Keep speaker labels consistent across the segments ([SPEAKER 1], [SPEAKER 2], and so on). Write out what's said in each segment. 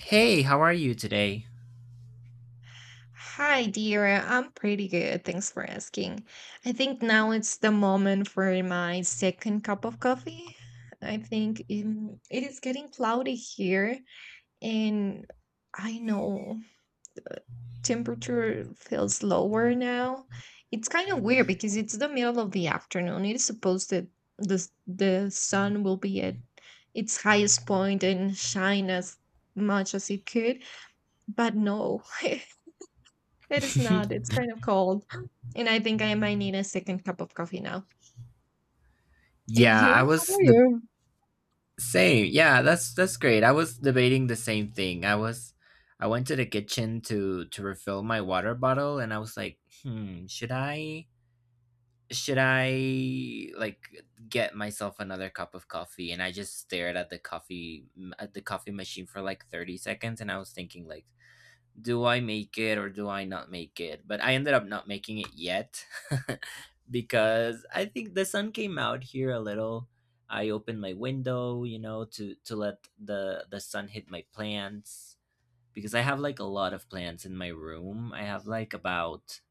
[SPEAKER 1] Hey, how are you today?
[SPEAKER 2] Hi, dear. I'm pretty good. Thanks for asking. I think now it's the moment for my second cup of coffee. I think it is getting cloudy here, and I know the temperature feels lower now. It's kind of weird because it's the middle of the afternoon. It is supposed that the sun will be at its highest point and shine as much as it could, but no, it is not. It's kind of cold. And I think I might need a second cup of coffee now. And
[SPEAKER 1] Yeah,
[SPEAKER 2] you?
[SPEAKER 1] I
[SPEAKER 2] How
[SPEAKER 1] was
[SPEAKER 2] are
[SPEAKER 1] the
[SPEAKER 2] you?
[SPEAKER 1] same. Yeah, that's great. I was debating the same thing. I was I went to the kitchen to refill my water bottle and I was like, "Hmm, should I like get myself another cup of coffee?" And I just stared at the coffee machine for like 30 seconds and I was thinking like, do I make it or do I not make it? But I ended up not making it yet because I think the sun came out here a little. I opened my window, to let the sun hit my plants because I have like a lot of plants in my room. I have like about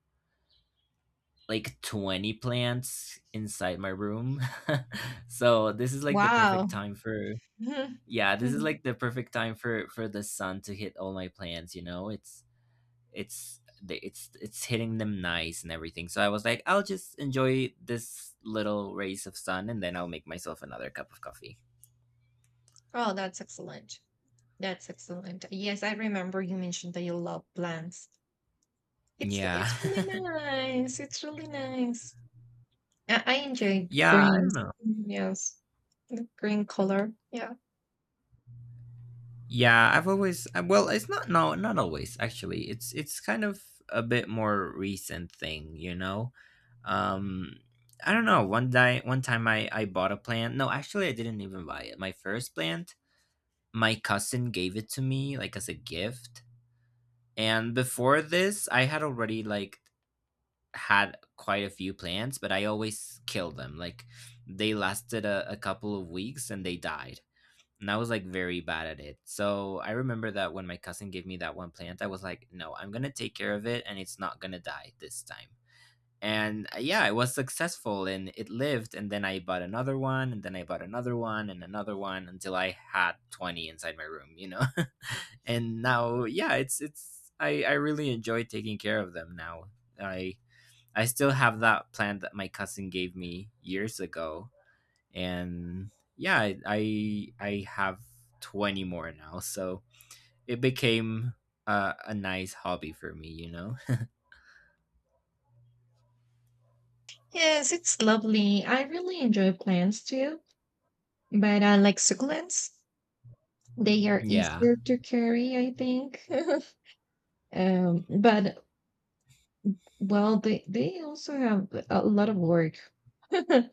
[SPEAKER 1] like 20 plants inside my room. So this is like the perfect
[SPEAKER 2] Wow.
[SPEAKER 1] time for
[SPEAKER 2] Mhm.
[SPEAKER 1] yeah, this is
[SPEAKER 2] Mhm.
[SPEAKER 1] like the perfect time for the sun to hit all my plants, you know. It's they- it's hitting them nice and everything, so I was like, I'll just enjoy this little rays of sun and then I'll make myself another cup of coffee.
[SPEAKER 2] Oh, that's excellent. That's excellent. Yes, I remember you mentioned that you love plants. It's
[SPEAKER 1] Yeah.
[SPEAKER 2] it's really nice. It's really nice. I enjoy
[SPEAKER 1] Yeah, I don't
[SPEAKER 2] greens.
[SPEAKER 1] know.
[SPEAKER 2] Mm, yes. The green color. Yeah.
[SPEAKER 1] Yeah, I've always well, it's not, no, not always, actually, it's kind of a bit more recent thing, you know. um I don't know, one day, one time I bought a plant. No, actually, I didn't even buy it. My first plant, my cousin gave it to me like as a gift. And before this, I had already like had quite a few plants, but I always killed them. Like, they lasted a couple of weeks and they died. And I was like very bad at it. So I remember that when my cousin gave me that one plant, I was like, no, I'm going to take care of it and it's not going to die this time. And yeah, I was successful and it lived. And then I bought another one, and then I bought another one and another one until I had 20 inside my room, you know. And now, yeah, it's I really enjoy taking care of them now. i I still have that plant that my cousin gave me years ago. And yeah, I have 20 more now, so it became a nice hobby for me, you know.
[SPEAKER 2] Yes, it's lovely. I really enjoy plants too. But I like succulents. They are
[SPEAKER 1] Yeah.
[SPEAKER 2] easier to carry, I think. But well, they also have a lot of work, and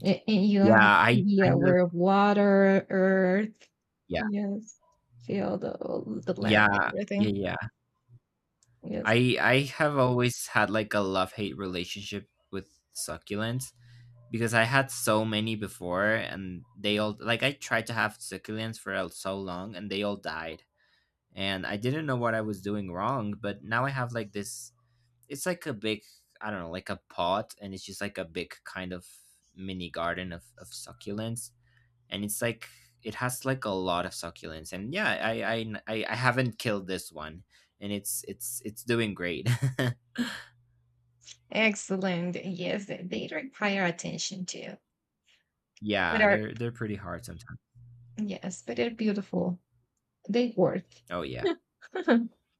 [SPEAKER 2] you have
[SPEAKER 1] Yeah, I
[SPEAKER 2] to be
[SPEAKER 1] kind of
[SPEAKER 2] aware of water, earth, yes, field, all the land,
[SPEAKER 1] Yeah, yeah,
[SPEAKER 2] everything.
[SPEAKER 1] yeah.
[SPEAKER 2] Yes,
[SPEAKER 1] I have always had like a love-hate relationship with succulents because I had so many before and they all like I tried to have succulents for so long and they all died. And I didn't know what I was doing wrong, but now I have like this, it's like a big, I don't know, like a pot, and it's just like a big kind of mini garden of succulents. And it's like, it has like a lot of succulents, and yeah, I haven't killed this one, and it's doing great.
[SPEAKER 2] excellent. Yes, they require attention too. But
[SPEAKER 1] Yeah,
[SPEAKER 2] are
[SPEAKER 1] they're pretty hard sometimes.
[SPEAKER 2] Yes, but they're beautiful. They work.
[SPEAKER 1] Oh yeah.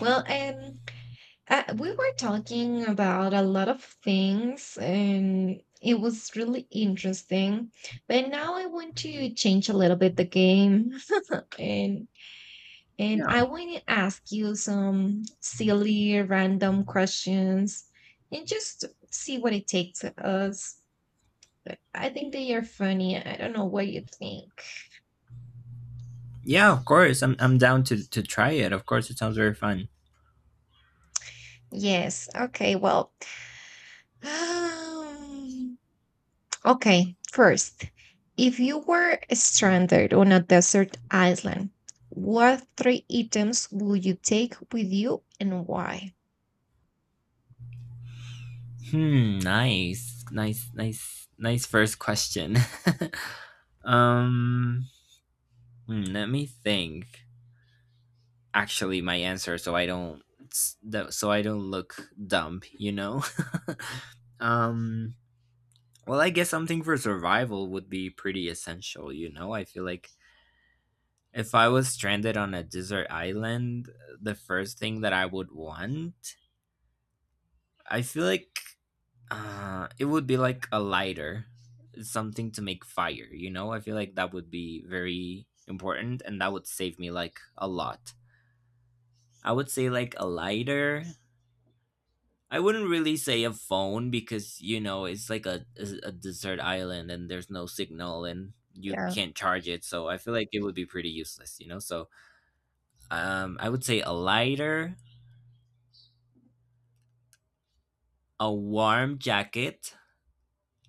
[SPEAKER 2] Well, and we were talking about a lot of things and it was really interesting. But now I want to change a little bit the game and
[SPEAKER 1] Yeah,
[SPEAKER 2] I want to ask you some silly random questions and just see what it takes us. But I think they are funny. I don't know what you think.
[SPEAKER 1] yeah, of course I'm down to try it, of course. It sounds very fun.
[SPEAKER 2] Yes. Okay. Well, okay, first, if you were stranded on a desert island, what three items would you take with you and why?
[SPEAKER 1] Hmm, nice first question. um hmm, let me think. Actually, my answer, so I don't so I don't look dumb, you know. um well, I guess something for survival would be pretty essential, you know? I feel like if I was stranded on a desert island, the first thing that I would want, I feel like it would be like a lighter, something to make fire, you know? I feel like that would be very important and that would save me like a lot. I would say like a lighter. I wouldn't really say a phone because, you know, it's like a a desert island and there's no signal and you
[SPEAKER 2] Yeah.
[SPEAKER 1] can't charge it. So I feel like it would be pretty useless, you know. So I would say a lighter, a warm jacket,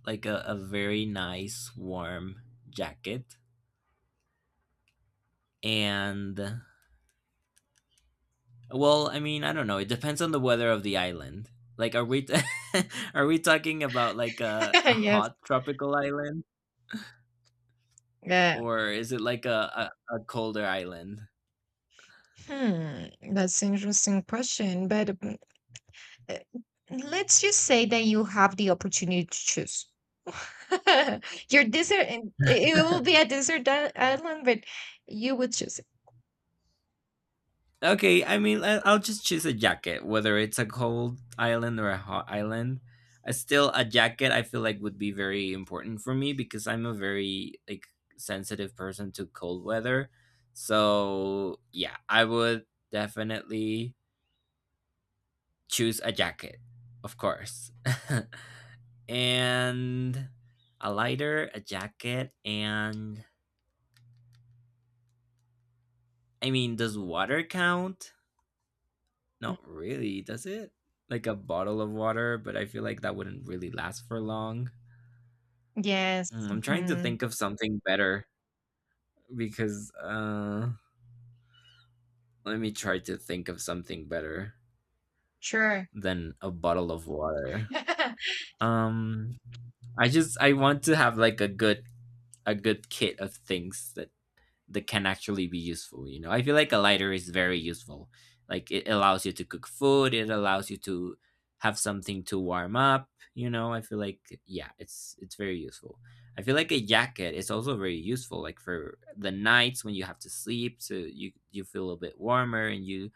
[SPEAKER 1] like a very nice warm jacket, and well, I mean, I don't know. It depends on the weather of the island. Like, are we talking about like a
[SPEAKER 2] Yes.
[SPEAKER 1] hot tropical island,
[SPEAKER 2] Yeah.
[SPEAKER 1] or is it like a colder island?
[SPEAKER 2] Hmm, that's an interesting question, but uh, let's just say that you have the opportunity to choose. Your desert, and it will be a desert island, but you would choose it.
[SPEAKER 1] Okay, I mean, I- I'll just choose a jacket, whether it's a cold island or a hot island. Still, a jacket I feel like would be very important for me because I'm a very like sensitive person to cold weather. So yeah, I would definitely choose a jacket, of course, and a lighter, a jacket, and I mean, does water count? Not really, does it? Like a bottle of water, but I feel like that wouldn't really last for long.
[SPEAKER 2] Yes.
[SPEAKER 1] Mm, I'm trying to
[SPEAKER 2] Mhm.
[SPEAKER 1] think of something better because let me try to think of something better
[SPEAKER 2] Sure.
[SPEAKER 1] than a bottle of water. Um I just I want to have like a good kit of things that can actually be useful, you know. I feel like a lighter is very useful, like it allows you to cook food, it allows you to have something to warm up, you know. I feel like yeah, it's very useful. I feel like a jacket is also very useful, like for the nights when you have to sleep so you feel a bit warmer and you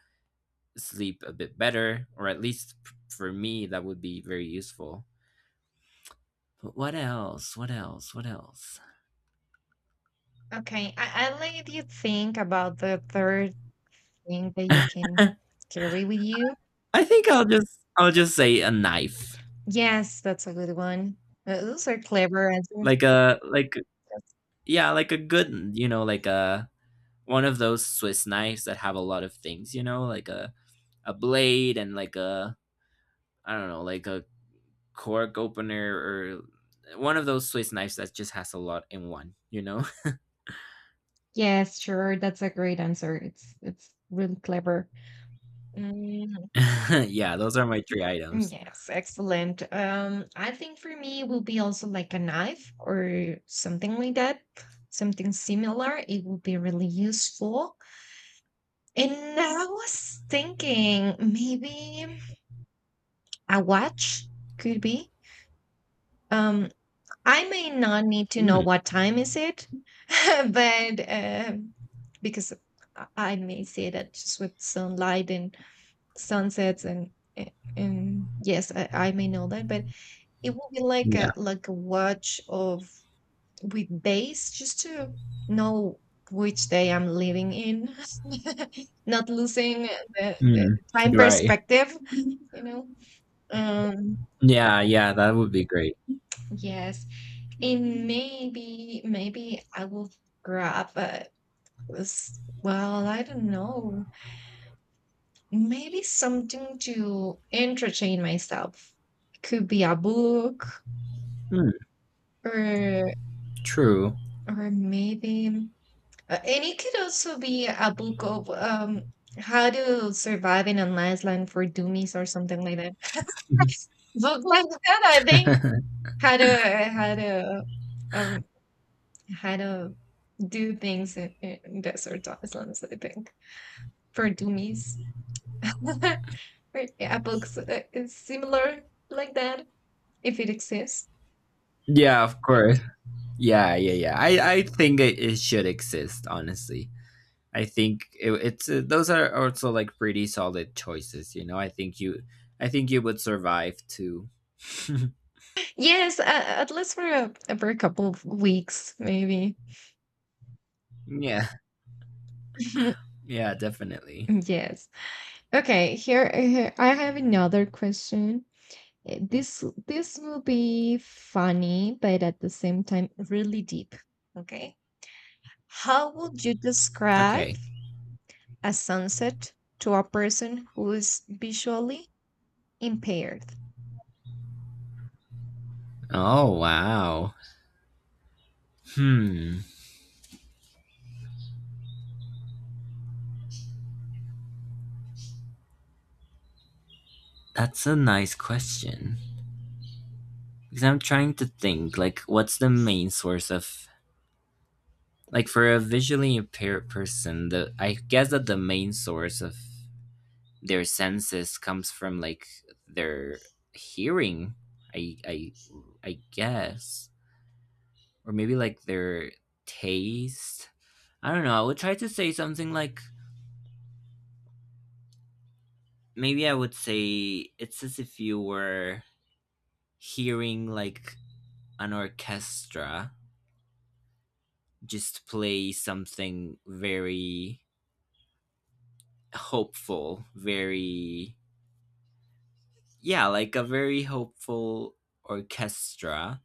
[SPEAKER 1] sleep a bit better, or at for me that would be very useful. But what else?
[SPEAKER 2] Okay, I let you think about the third thing that you
[SPEAKER 1] i
[SPEAKER 2] can carry with you.
[SPEAKER 1] think i'll just i'll just say a knife.
[SPEAKER 2] Yes, that's a good one. Those are clever answers.
[SPEAKER 1] Like a like
[SPEAKER 2] That's-
[SPEAKER 1] yeah, like a good, you know, like a one of those Swiss knives that have a lot of things, you know, like a blade and like a I don't know, like a cork opener, or one of those Swiss knives that just has a lot in one, you know?
[SPEAKER 2] Yes, sure, that's a great answer. It's really clever. Mm,
[SPEAKER 1] Yeah, those are my three items.
[SPEAKER 2] yes, excellent. I think for me it will be also like a knife or something like that, something similar. It will be really useful. And I was thinking maybe a watch could be. Um, I may not need to know
[SPEAKER 1] Mm,
[SPEAKER 2] what time is it, but because I may see that just with sunlight and sunsets and and yes, I may know that, but it will be like
[SPEAKER 1] yeah.
[SPEAKER 2] a watch of with days just to know which day I'm living in, not losing the
[SPEAKER 1] Mm,
[SPEAKER 2] time
[SPEAKER 1] right.
[SPEAKER 2] perspective, you know. Um,
[SPEAKER 1] Yeah, yeah, that would be great.
[SPEAKER 2] yes. And maybe I will grab a s, well, I don't know. Maybe something to entertain myself. Could be a book
[SPEAKER 1] Mm,
[SPEAKER 2] or
[SPEAKER 1] true.
[SPEAKER 2] maybe and it could also be a book of, how to survive in an island for dummies or something like that. Book like that, I think. How to how to, um how to do things in desert islands, I think, for dummies. A book is similar like that, if it exists.
[SPEAKER 1] Yeah, of course. Yeah, yeah, yeah. I think it, it should exist, honestly. I think it, it's those are also like pretty solid choices. You know, I think you would survive too.
[SPEAKER 2] Yes, at least for a couple of weeks, maybe.
[SPEAKER 1] Yeah, yeah, definitely.
[SPEAKER 2] Yes. Okay. Here, here, I have another question. This will be funny, but at the same time, really deep. Okay. How would you describe
[SPEAKER 1] Okay.
[SPEAKER 2] a sunset to a person who is visually impaired.
[SPEAKER 1] Oh wow. Hmm. That's a nice question because I'm trying to think like what's the main source of like for a visually impaired person the I guess that the main source of their senses comes from like their hearing. I I I guess, or maybe like their taste. I don't know. I would try to say something like maybe I would say it's as if you were hearing like an orchestra just play something very hopeful, very yeah, like a very hopeful orchestra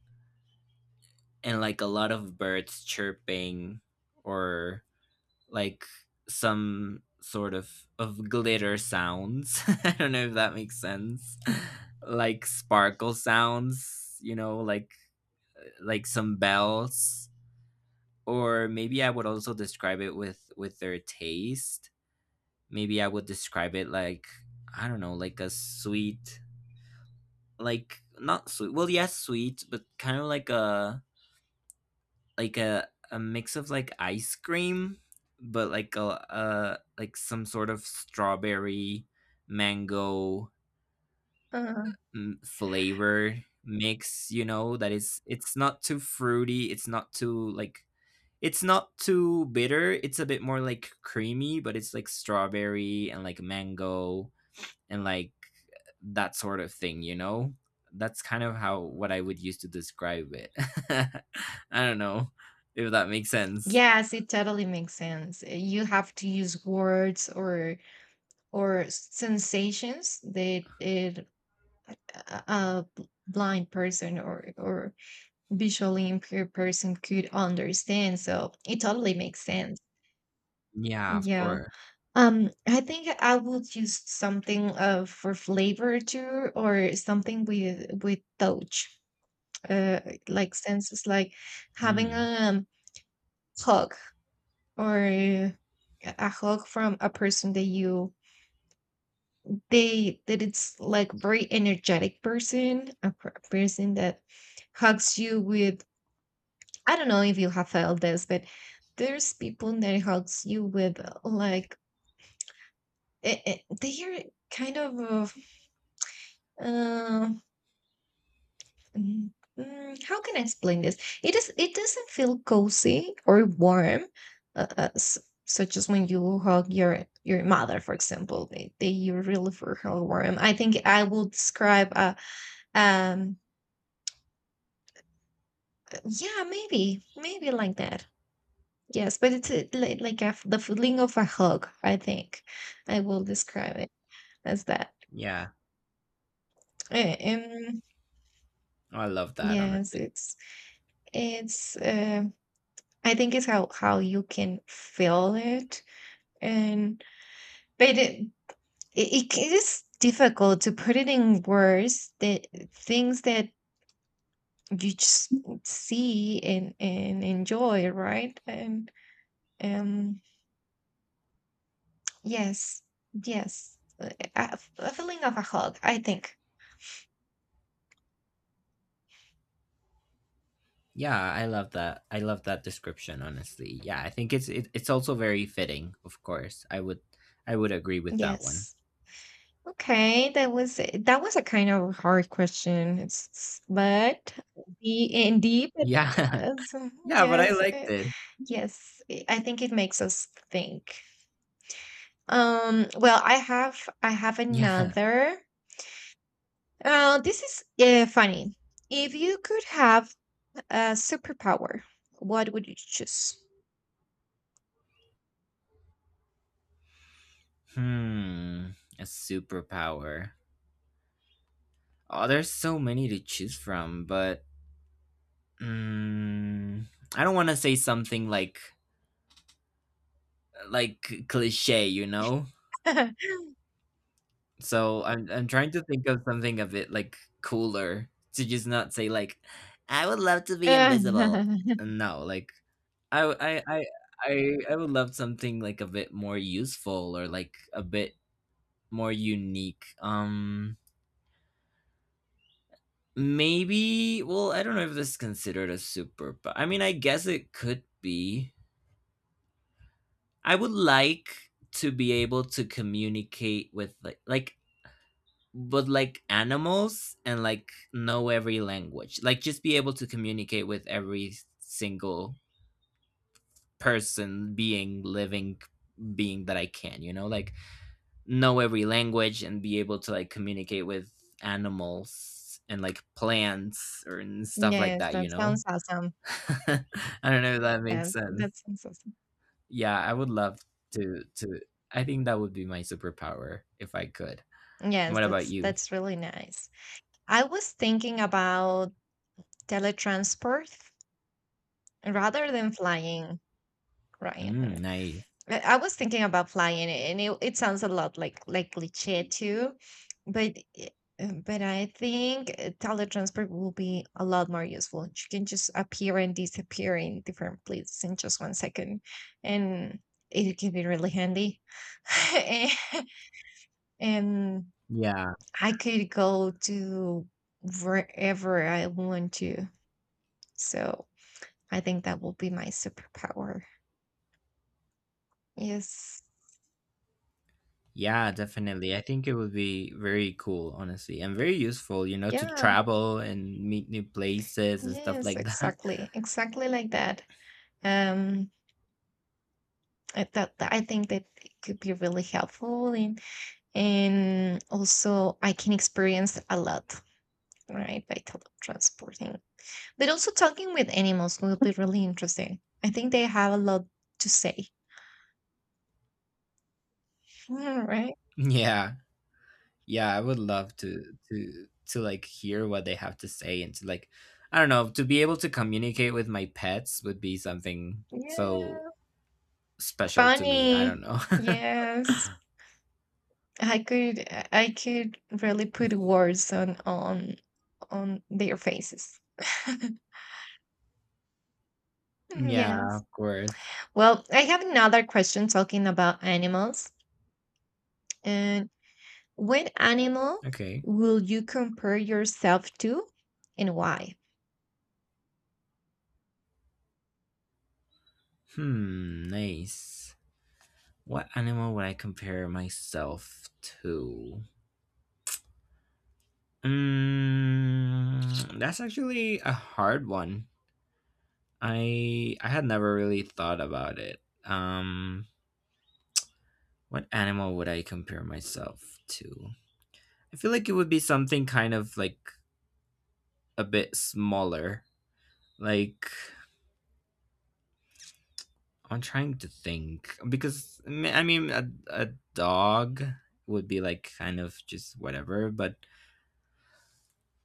[SPEAKER 1] and like a lot of birds chirping or like some sort of glitter sounds. I don't know if that makes sense. Like sparkle sounds, you know, like some bells. Or maybe I would also describe it with their taste. Maybe I would describe it like I don't know, like a sweet, like not sweet. Well, yes, sweet, but kind of like a mix of like ice cream, but like a like some sort of strawberry mango
[SPEAKER 2] Uh,
[SPEAKER 1] mm, flavor mix, you know, that is it's not too fruity, it's not too like it's not too bitter, it's a bit more like creamy, but it's like strawberry and like mango and like that sort of thing, you know? That's kind of how what I would use to describe it. I don't know if that makes sense.
[SPEAKER 2] yes, it totally makes sense. You have to use words or sensations that it, a blind person or visually impaired person could understand. So it totally makes sense.
[SPEAKER 1] Yeah, of
[SPEAKER 2] Yeah.
[SPEAKER 1] course.
[SPEAKER 2] I think I would use something for flavor too, or something with touch, uh, like senses, like having
[SPEAKER 1] Hmm.
[SPEAKER 2] a hug or a hug from a person that you they that it's like very energetic person, a person that hugs you with I don't know if you have felt this, but there's people that helps you with like it, they are kind of uh, mm, mm, how can I explain this? It doesn't feel cozy or warm, uh, uh, s- such as when you hug your mother, for example. They you really feel her warm. I think I will describe a um yeah maybe like that. Yes, but it's a, like a, f- the feeling of a hug, I think. I will describe it as that.
[SPEAKER 1] Yeah.
[SPEAKER 2] Eh, Um,
[SPEAKER 1] Oh, I love that
[SPEAKER 2] yes,
[SPEAKER 1] honestly.
[SPEAKER 2] it's I think it's how you can feel it and but it is difficult to put it in words that things that you just see and enjoy, right? And um yes, yes. A, a feeling of a hug, I think.
[SPEAKER 1] Yeah, I love that. I love that description honestly. Yeah, I think it's it, it's also very fitting, of course. I would agree with that one.
[SPEAKER 2] Yes. Okay, that was a kind of hard question. It's, but the indeed it
[SPEAKER 1] Yeah.
[SPEAKER 2] does.
[SPEAKER 1] Yeah, but I
[SPEAKER 2] Yes,
[SPEAKER 1] liked it.
[SPEAKER 2] yes. I think it makes us think. Well, I have
[SPEAKER 1] Yeah.
[SPEAKER 2] another. This is funny. If you could have a superpower, what would you choose?
[SPEAKER 1] Hmm. A superpower. Oh, there's so many to choose from, but mm, I don't want to say something like cliche, you know? So I'm trying to think of something a bit like cooler to just not say like, I would love to be
[SPEAKER 2] Uh,
[SPEAKER 1] invisible. No, like I w- I would love something like a bit more useful or like a bit more unique. Maybe well, I don't know if this is considered a super but I mean I guess it could be. I would like to be able to communicate with like animals and like know every language, like just be able to communicate with every single person being living being that I can, you know, know every language and be able to like communicate with animals and like plants or and stuff like
[SPEAKER 2] yes,
[SPEAKER 1] that you
[SPEAKER 2] that
[SPEAKER 1] know
[SPEAKER 2] sounds awesome.
[SPEAKER 1] I don't know if that makes
[SPEAKER 2] Yes,
[SPEAKER 1] sense.
[SPEAKER 2] that sounds awesome.
[SPEAKER 1] Yeah, I would love to I think that would be my superpower if I could.
[SPEAKER 2] Yes,
[SPEAKER 1] What about
[SPEAKER 2] that's
[SPEAKER 1] you?
[SPEAKER 2] that's really nice. I was thinking about teletransport rather than flying, Ryan.
[SPEAKER 1] Mm, nice.
[SPEAKER 2] I was thinking about flying, and it sounds a lot like cliché too, but but I think teletransport will be a lot more useful. You can just appear and disappear in different places in just 1 second, and it can be really handy. And
[SPEAKER 1] Yeah.
[SPEAKER 2] I could go to wherever I want to. So I think that will be my superpower. Yes.
[SPEAKER 1] Yeah, definitely. I think it would be very cool, honestly, and very useful, you know, to
[SPEAKER 2] Yeah.
[SPEAKER 1] travel and meet new places and stuff
[SPEAKER 2] Yes,
[SPEAKER 1] like that.
[SPEAKER 2] exactly. Exactly like that. Um that, I think that it could be really helpful and also I can experience a lot, right? By teletransporting. But also talking with animals will be really interesting. I think they have a lot to say. Mm, right?
[SPEAKER 1] Yeah. Yeah, I would love to like hear what they have to say and to like I don't know, to be able to communicate with my pets would be something so
[SPEAKER 2] Yeah.
[SPEAKER 1] special to me. I don't
[SPEAKER 2] Funny.
[SPEAKER 1] know.
[SPEAKER 2] Yes. I could really put words on on their faces.
[SPEAKER 1] Yeah,
[SPEAKER 2] Yes.
[SPEAKER 1] of course.
[SPEAKER 2] Well, I have another question talking about animals. And what animal
[SPEAKER 1] Okay.
[SPEAKER 2] will you compare yourself to and why?
[SPEAKER 1] Hmm, nice. What animal would I compare myself to? Mm, that's actually a hard one. I had never really thought about it. What animal would I compare myself to? I feel like it would be something kind of like a bit smaller. Like I'm trying to think because I mean, a dog would be like kind of just whatever, but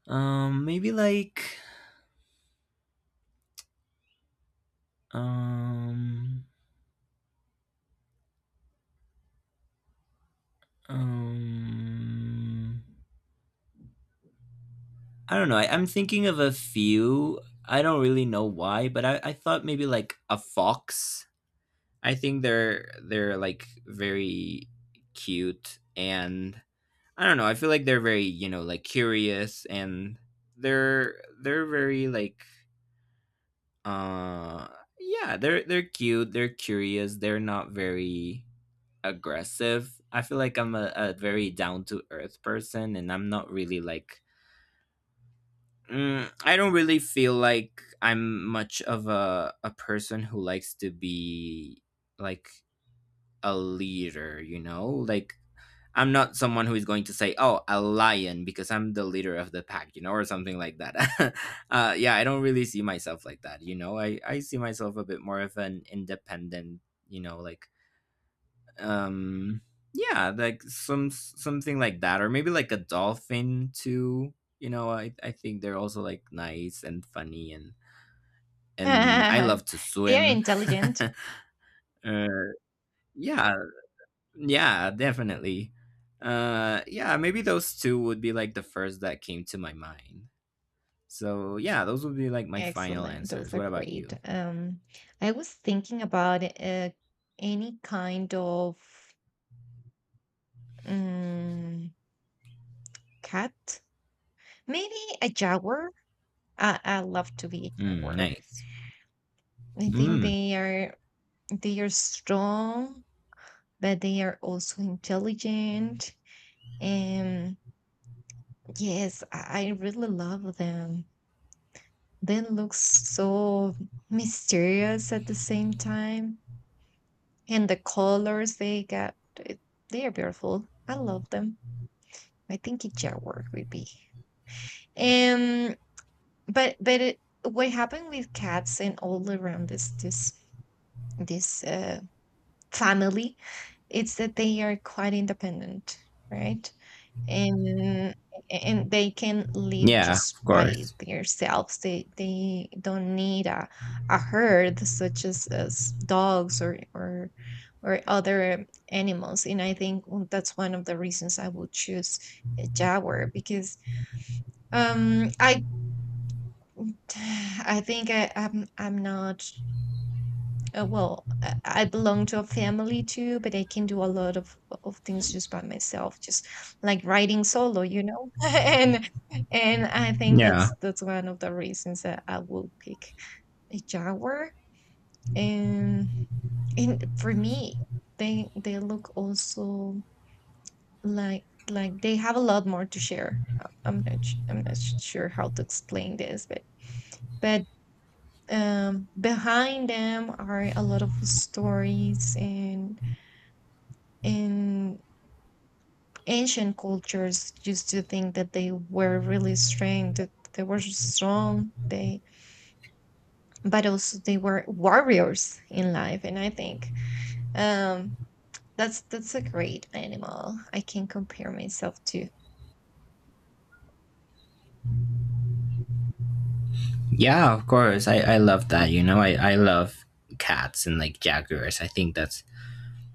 [SPEAKER 1] maybe like um um I don't know. I'm thinking of a few. I don't really know why, but I thought maybe like a fox. I think they're like very cute and I don't know. I feel like they're very, you know, like curious and they're very like uh yeah, they're cute, they're curious, they're not very aggressive. I feel like I'm a very down to earth person and I'm not really like Mm, I don't really feel like I'm much of a person who likes to be like a leader, you know? Like I'm not someone who is going to say, "Oh, a lion," because I'm the leader of the pack, you know, or something like that. Yeah, I don't really see myself like that, you know. I see myself a bit more of an independent, you know, like um yeah, like something like that, or maybe like a dolphin too, you know. I think they're also like nice and funny, and I
[SPEAKER 2] They
[SPEAKER 1] love to
[SPEAKER 2] are
[SPEAKER 1] swim.
[SPEAKER 2] intelligent.
[SPEAKER 1] uh, yeah, yeah definitely. Yeah, maybe those two would be like the first that came to my mind, so yeah, those would be like my final
[SPEAKER 2] Excellent. Those
[SPEAKER 1] answers.
[SPEAKER 2] are
[SPEAKER 1] What about
[SPEAKER 2] great.
[SPEAKER 1] you?
[SPEAKER 2] I was thinking about any kind of um, cat, maybe a jaguar. I love to be a
[SPEAKER 1] Mm,
[SPEAKER 2] jaguar.
[SPEAKER 1] nice.
[SPEAKER 2] I think
[SPEAKER 1] Mm,
[SPEAKER 2] they are strong, but they are also intelligent. And yes, I really love them. They look so mysterious at the same time. And the colors they got, they are beautiful. I love them. I think a jaguar would be. Um, but it, what happened with cats and all around this family? It's that they are quite independent, right? And they can live
[SPEAKER 1] yeah of
[SPEAKER 2] just by
[SPEAKER 1] course.
[SPEAKER 2] themselves. They don't need a herd such as dogs or or other animals. And I think that's one of the reasons I would choose a jaguar because I I think I'm not well, I belong to a family too, but I can do a lot of things just by myself, just like writing solo, you know. And I think
[SPEAKER 1] Yeah.
[SPEAKER 2] that's one of the reasons that I will pick a jaguar. And for me, they look also like they have a lot more to share. I'm not sh- sure how to explain this, but but behind them are a lot of stories, and in ancient cultures used to think that they were really strong, that they were strong, they but also they were warriors in life. And I think um that's a great animal I can compare myself to.
[SPEAKER 1] Yeah, of course. I love that. You know, I love cats and like jaguars. I think that's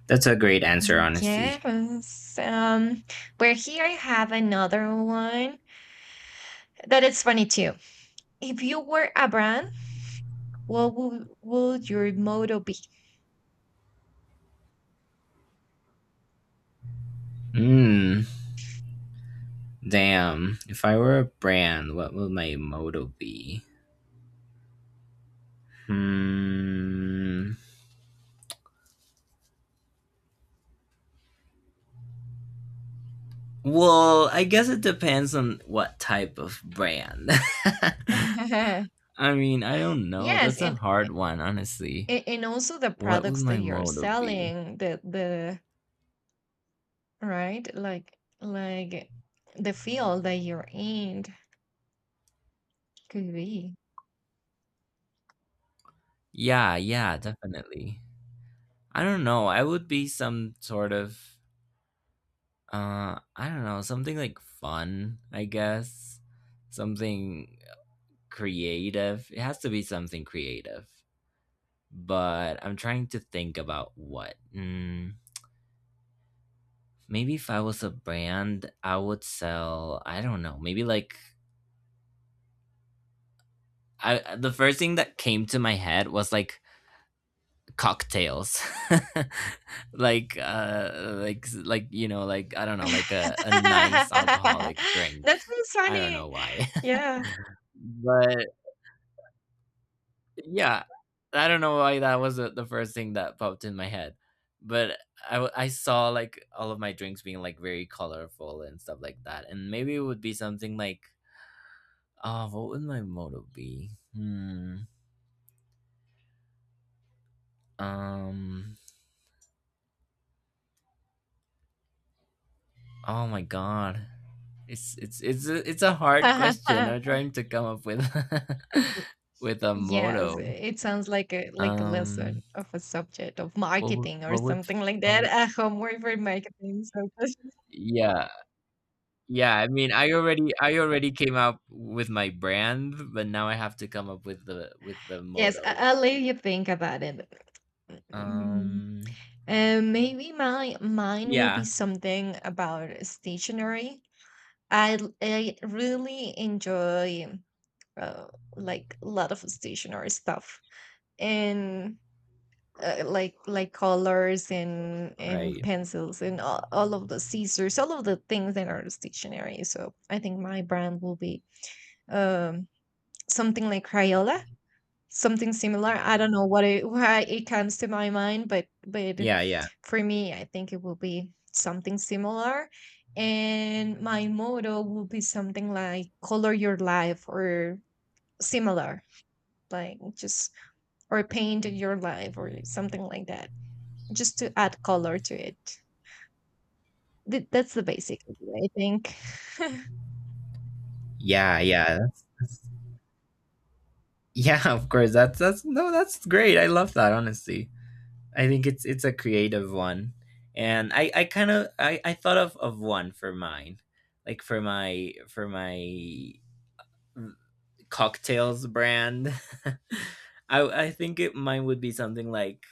[SPEAKER 1] that's a great answer, honestly.
[SPEAKER 2] Yes. Where here I have another one that is funny too. If you were a brand, what would your motto be?
[SPEAKER 1] Mm, damn. If I were a brand, what would my motto be? Hmm. Well, I guess it depends on what type of brand. I mean, I don't know.
[SPEAKER 2] Yes,
[SPEAKER 1] That's a
[SPEAKER 2] and
[SPEAKER 1] hard one, honestly.
[SPEAKER 2] And also the
[SPEAKER 1] What would
[SPEAKER 2] products that
[SPEAKER 1] my
[SPEAKER 2] you're
[SPEAKER 1] motto be?
[SPEAKER 2] selling, the right, like the field that you're in, could be.
[SPEAKER 1] Yeah, yeah, definitely. I don't know. I would be some sort of I don't know, something like fun, I guess. Something creative. It has to be something creative. But I'm trying to think about what. Mm, maybe if I was a brand, I would sell, I don't know, maybe like I the first thing that came to my head was like cocktails. Like like you know, like I don't know, like a nice alcoholic drink.
[SPEAKER 2] That sounds
[SPEAKER 1] I don't know
[SPEAKER 2] funny.
[SPEAKER 1] why.
[SPEAKER 2] Yeah.
[SPEAKER 1] But yeah, I don't know why that was the first thing that popped in my head, but I saw like all of my drinks being like very colorful and stuff like that, and maybe it would be something like, oh, what would my motto be? Hmm. Um. Oh my god, it's a hard question. I'm trying to come up with
[SPEAKER 2] Y-
[SPEAKER 1] with a
[SPEAKER 2] yes,
[SPEAKER 1] motto.
[SPEAKER 2] it sounds like a
[SPEAKER 1] Um.
[SPEAKER 2] lesson of a subject of
[SPEAKER 1] What would,
[SPEAKER 2] marketing or
[SPEAKER 1] what would
[SPEAKER 2] something like
[SPEAKER 1] what
[SPEAKER 2] that,
[SPEAKER 1] would
[SPEAKER 2] a homework for marketing, so.
[SPEAKER 1] yeah. Yeah, I mean, I already came up with my brand, but now I have to come up with the
[SPEAKER 2] Yes,
[SPEAKER 1] motto.
[SPEAKER 2] I'll let you think about it. Mhm.
[SPEAKER 1] Um
[SPEAKER 2] And maybe my mine will be
[SPEAKER 1] yeah,
[SPEAKER 2] something about stationery. I really enjoy uh, like a lot of stationery stuff, and like colors, and
[SPEAKER 1] right.
[SPEAKER 2] pencils, and all of the scissors, all of the things that are stationery. So I think my brand will be um something like Crayola. Something similar. I don't know what it, why it comes to my mind, but
[SPEAKER 1] Yeah, yeah.
[SPEAKER 2] for me, I think it will be something similar. And my motto will be something like color your life or similar, like just or paint your life or something like that, just to add color to it. That's the basic idea, I think.
[SPEAKER 1] Yeah, yeah. Yeah, of course. That's no, that's great. I love that, honestly. I think it's a creative one. And I kind of I thought of one for mine. Like for my cocktails brand. I think it mine would be something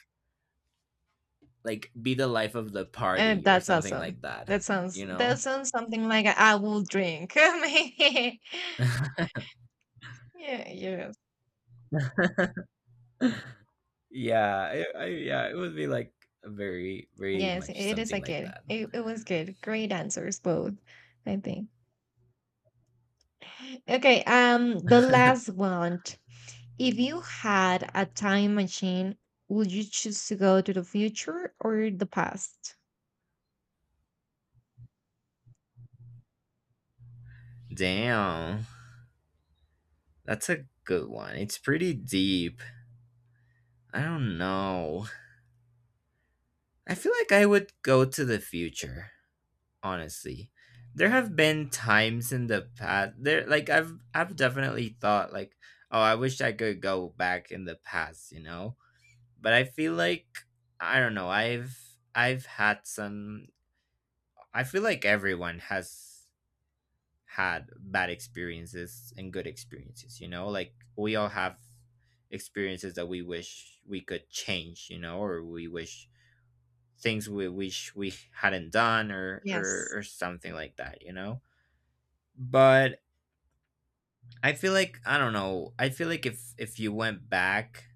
[SPEAKER 1] like be the life of the
[SPEAKER 2] And
[SPEAKER 1] party or
[SPEAKER 2] that's
[SPEAKER 1] something
[SPEAKER 2] awesome.
[SPEAKER 1] like that,
[SPEAKER 2] That sounds
[SPEAKER 1] you
[SPEAKER 2] that
[SPEAKER 1] know?
[SPEAKER 2] sounds something like I will drink. Maybe. Yeah, yeah.
[SPEAKER 1] Yeah, it would be like very, very
[SPEAKER 2] Yes,
[SPEAKER 1] much
[SPEAKER 2] it is
[SPEAKER 1] something
[SPEAKER 2] a
[SPEAKER 1] like
[SPEAKER 2] good. It was good. Great answers, both, I think. Okay, the
[SPEAKER 1] that.
[SPEAKER 2] last one. If you had a time machine, would you choose to go to the future or the past?
[SPEAKER 1] Damn, that's a good one. It's pretty deep. I don't know. I feel like I would go to the future, honestly. There have been times in the past there like I've definitely thought like, oh, I wish I could go back in the past, you know? But I feel like I don't know. I've had some. I feel like everyone has had bad experiences and good experiences. You know, like we all have experiences that we wish we could change. You know, or we wish things we wish we hadn't done, or or
[SPEAKER 2] Yes.
[SPEAKER 1] or something like that. You know, but I feel like I don't know. I feel like if you went back,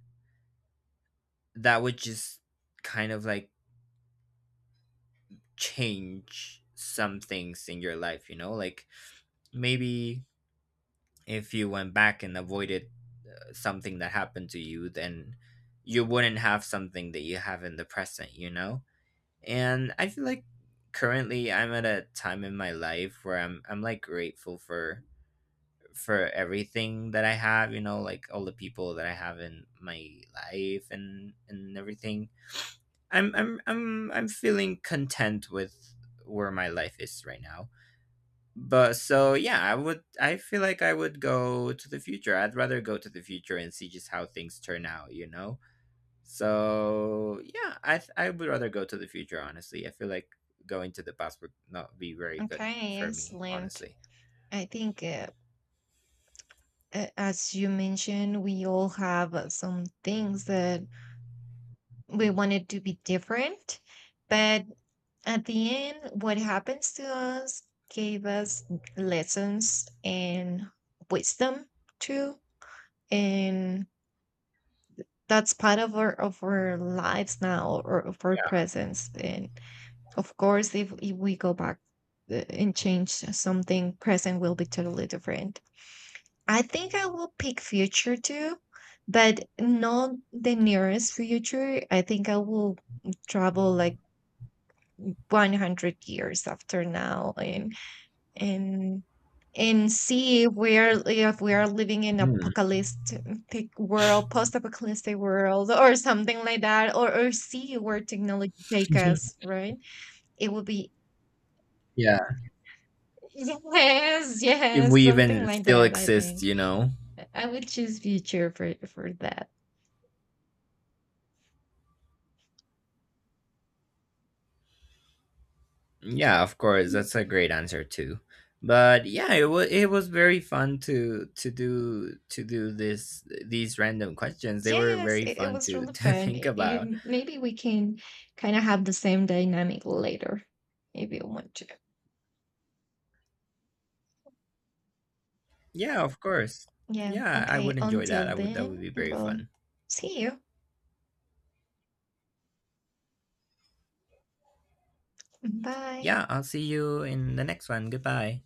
[SPEAKER 1] that would just kind of like change some things in your life, you know? Like maybe if you went back and avoided something that happened to you, then you wouldn't have something that you have in the present, you know? And I feel like currently I'm at a time in my life where I'm like grateful for everything that I have, you know, like all the people that I have in my life and everything. I'm feeling content with where my life is right now. But so yeah, I would I feel like I would go to the future. I'd rather go to the future and see just how things turn out, you know? So yeah, I would rather go to the future, honestly. I feel like going to the past would not be very good
[SPEAKER 2] Okay,
[SPEAKER 1] for me,
[SPEAKER 2] excellent.
[SPEAKER 1] honestly.
[SPEAKER 2] I think, as you mentioned, we all have some things that we wanted to be different, but at the end, what happens to us gave us lessons and wisdom too. And that's part of our lives now or of our
[SPEAKER 1] Yeah.
[SPEAKER 2] presence. And of course, if we go back and change something, present will be totally different. I think I will pick future too, but not the nearest future. I think I will travel like 100 years after now, and and see where, if we are living in
[SPEAKER 1] Mhm.
[SPEAKER 2] apocalyptic world, post-apocalyptic world, or something like that, or see where technology take us, right? It would be.
[SPEAKER 1] Yeah.
[SPEAKER 2] Yes,
[SPEAKER 1] If
[SPEAKER 2] yes,
[SPEAKER 1] we
[SPEAKER 2] something
[SPEAKER 1] even
[SPEAKER 2] like
[SPEAKER 1] still
[SPEAKER 2] that. I
[SPEAKER 1] exist,
[SPEAKER 2] think
[SPEAKER 1] you know.
[SPEAKER 2] I would choose future for that.
[SPEAKER 1] Yeah, of course, that's a great answer too. But yeah, it was very fun to do this these random questions. They were
[SPEAKER 2] Yes,
[SPEAKER 1] very
[SPEAKER 2] it
[SPEAKER 1] fun
[SPEAKER 2] was
[SPEAKER 1] to
[SPEAKER 2] really
[SPEAKER 1] to
[SPEAKER 2] fun.
[SPEAKER 1] think about.
[SPEAKER 2] Maybe we can kind of have the same dynamic later if you want to.
[SPEAKER 1] Yeah, of course.
[SPEAKER 2] Yeah.
[SPEAKER 1] Yeah, I would
[SPEAKER 2] Okay.
[SPEAKER 1] enjoy that.
[SPEAKER 2] Until
[SPEAKER 1] I would That would
[SPEAKER 2] then,
[SPEAKER 1] be very
[SPEAKER 2] well,
[SPEAKER 1] fun.
[SPEAKER 2] see you. Bye.
[SPEAKER 1] Yeah, I'll see you in the next one. Goodbye.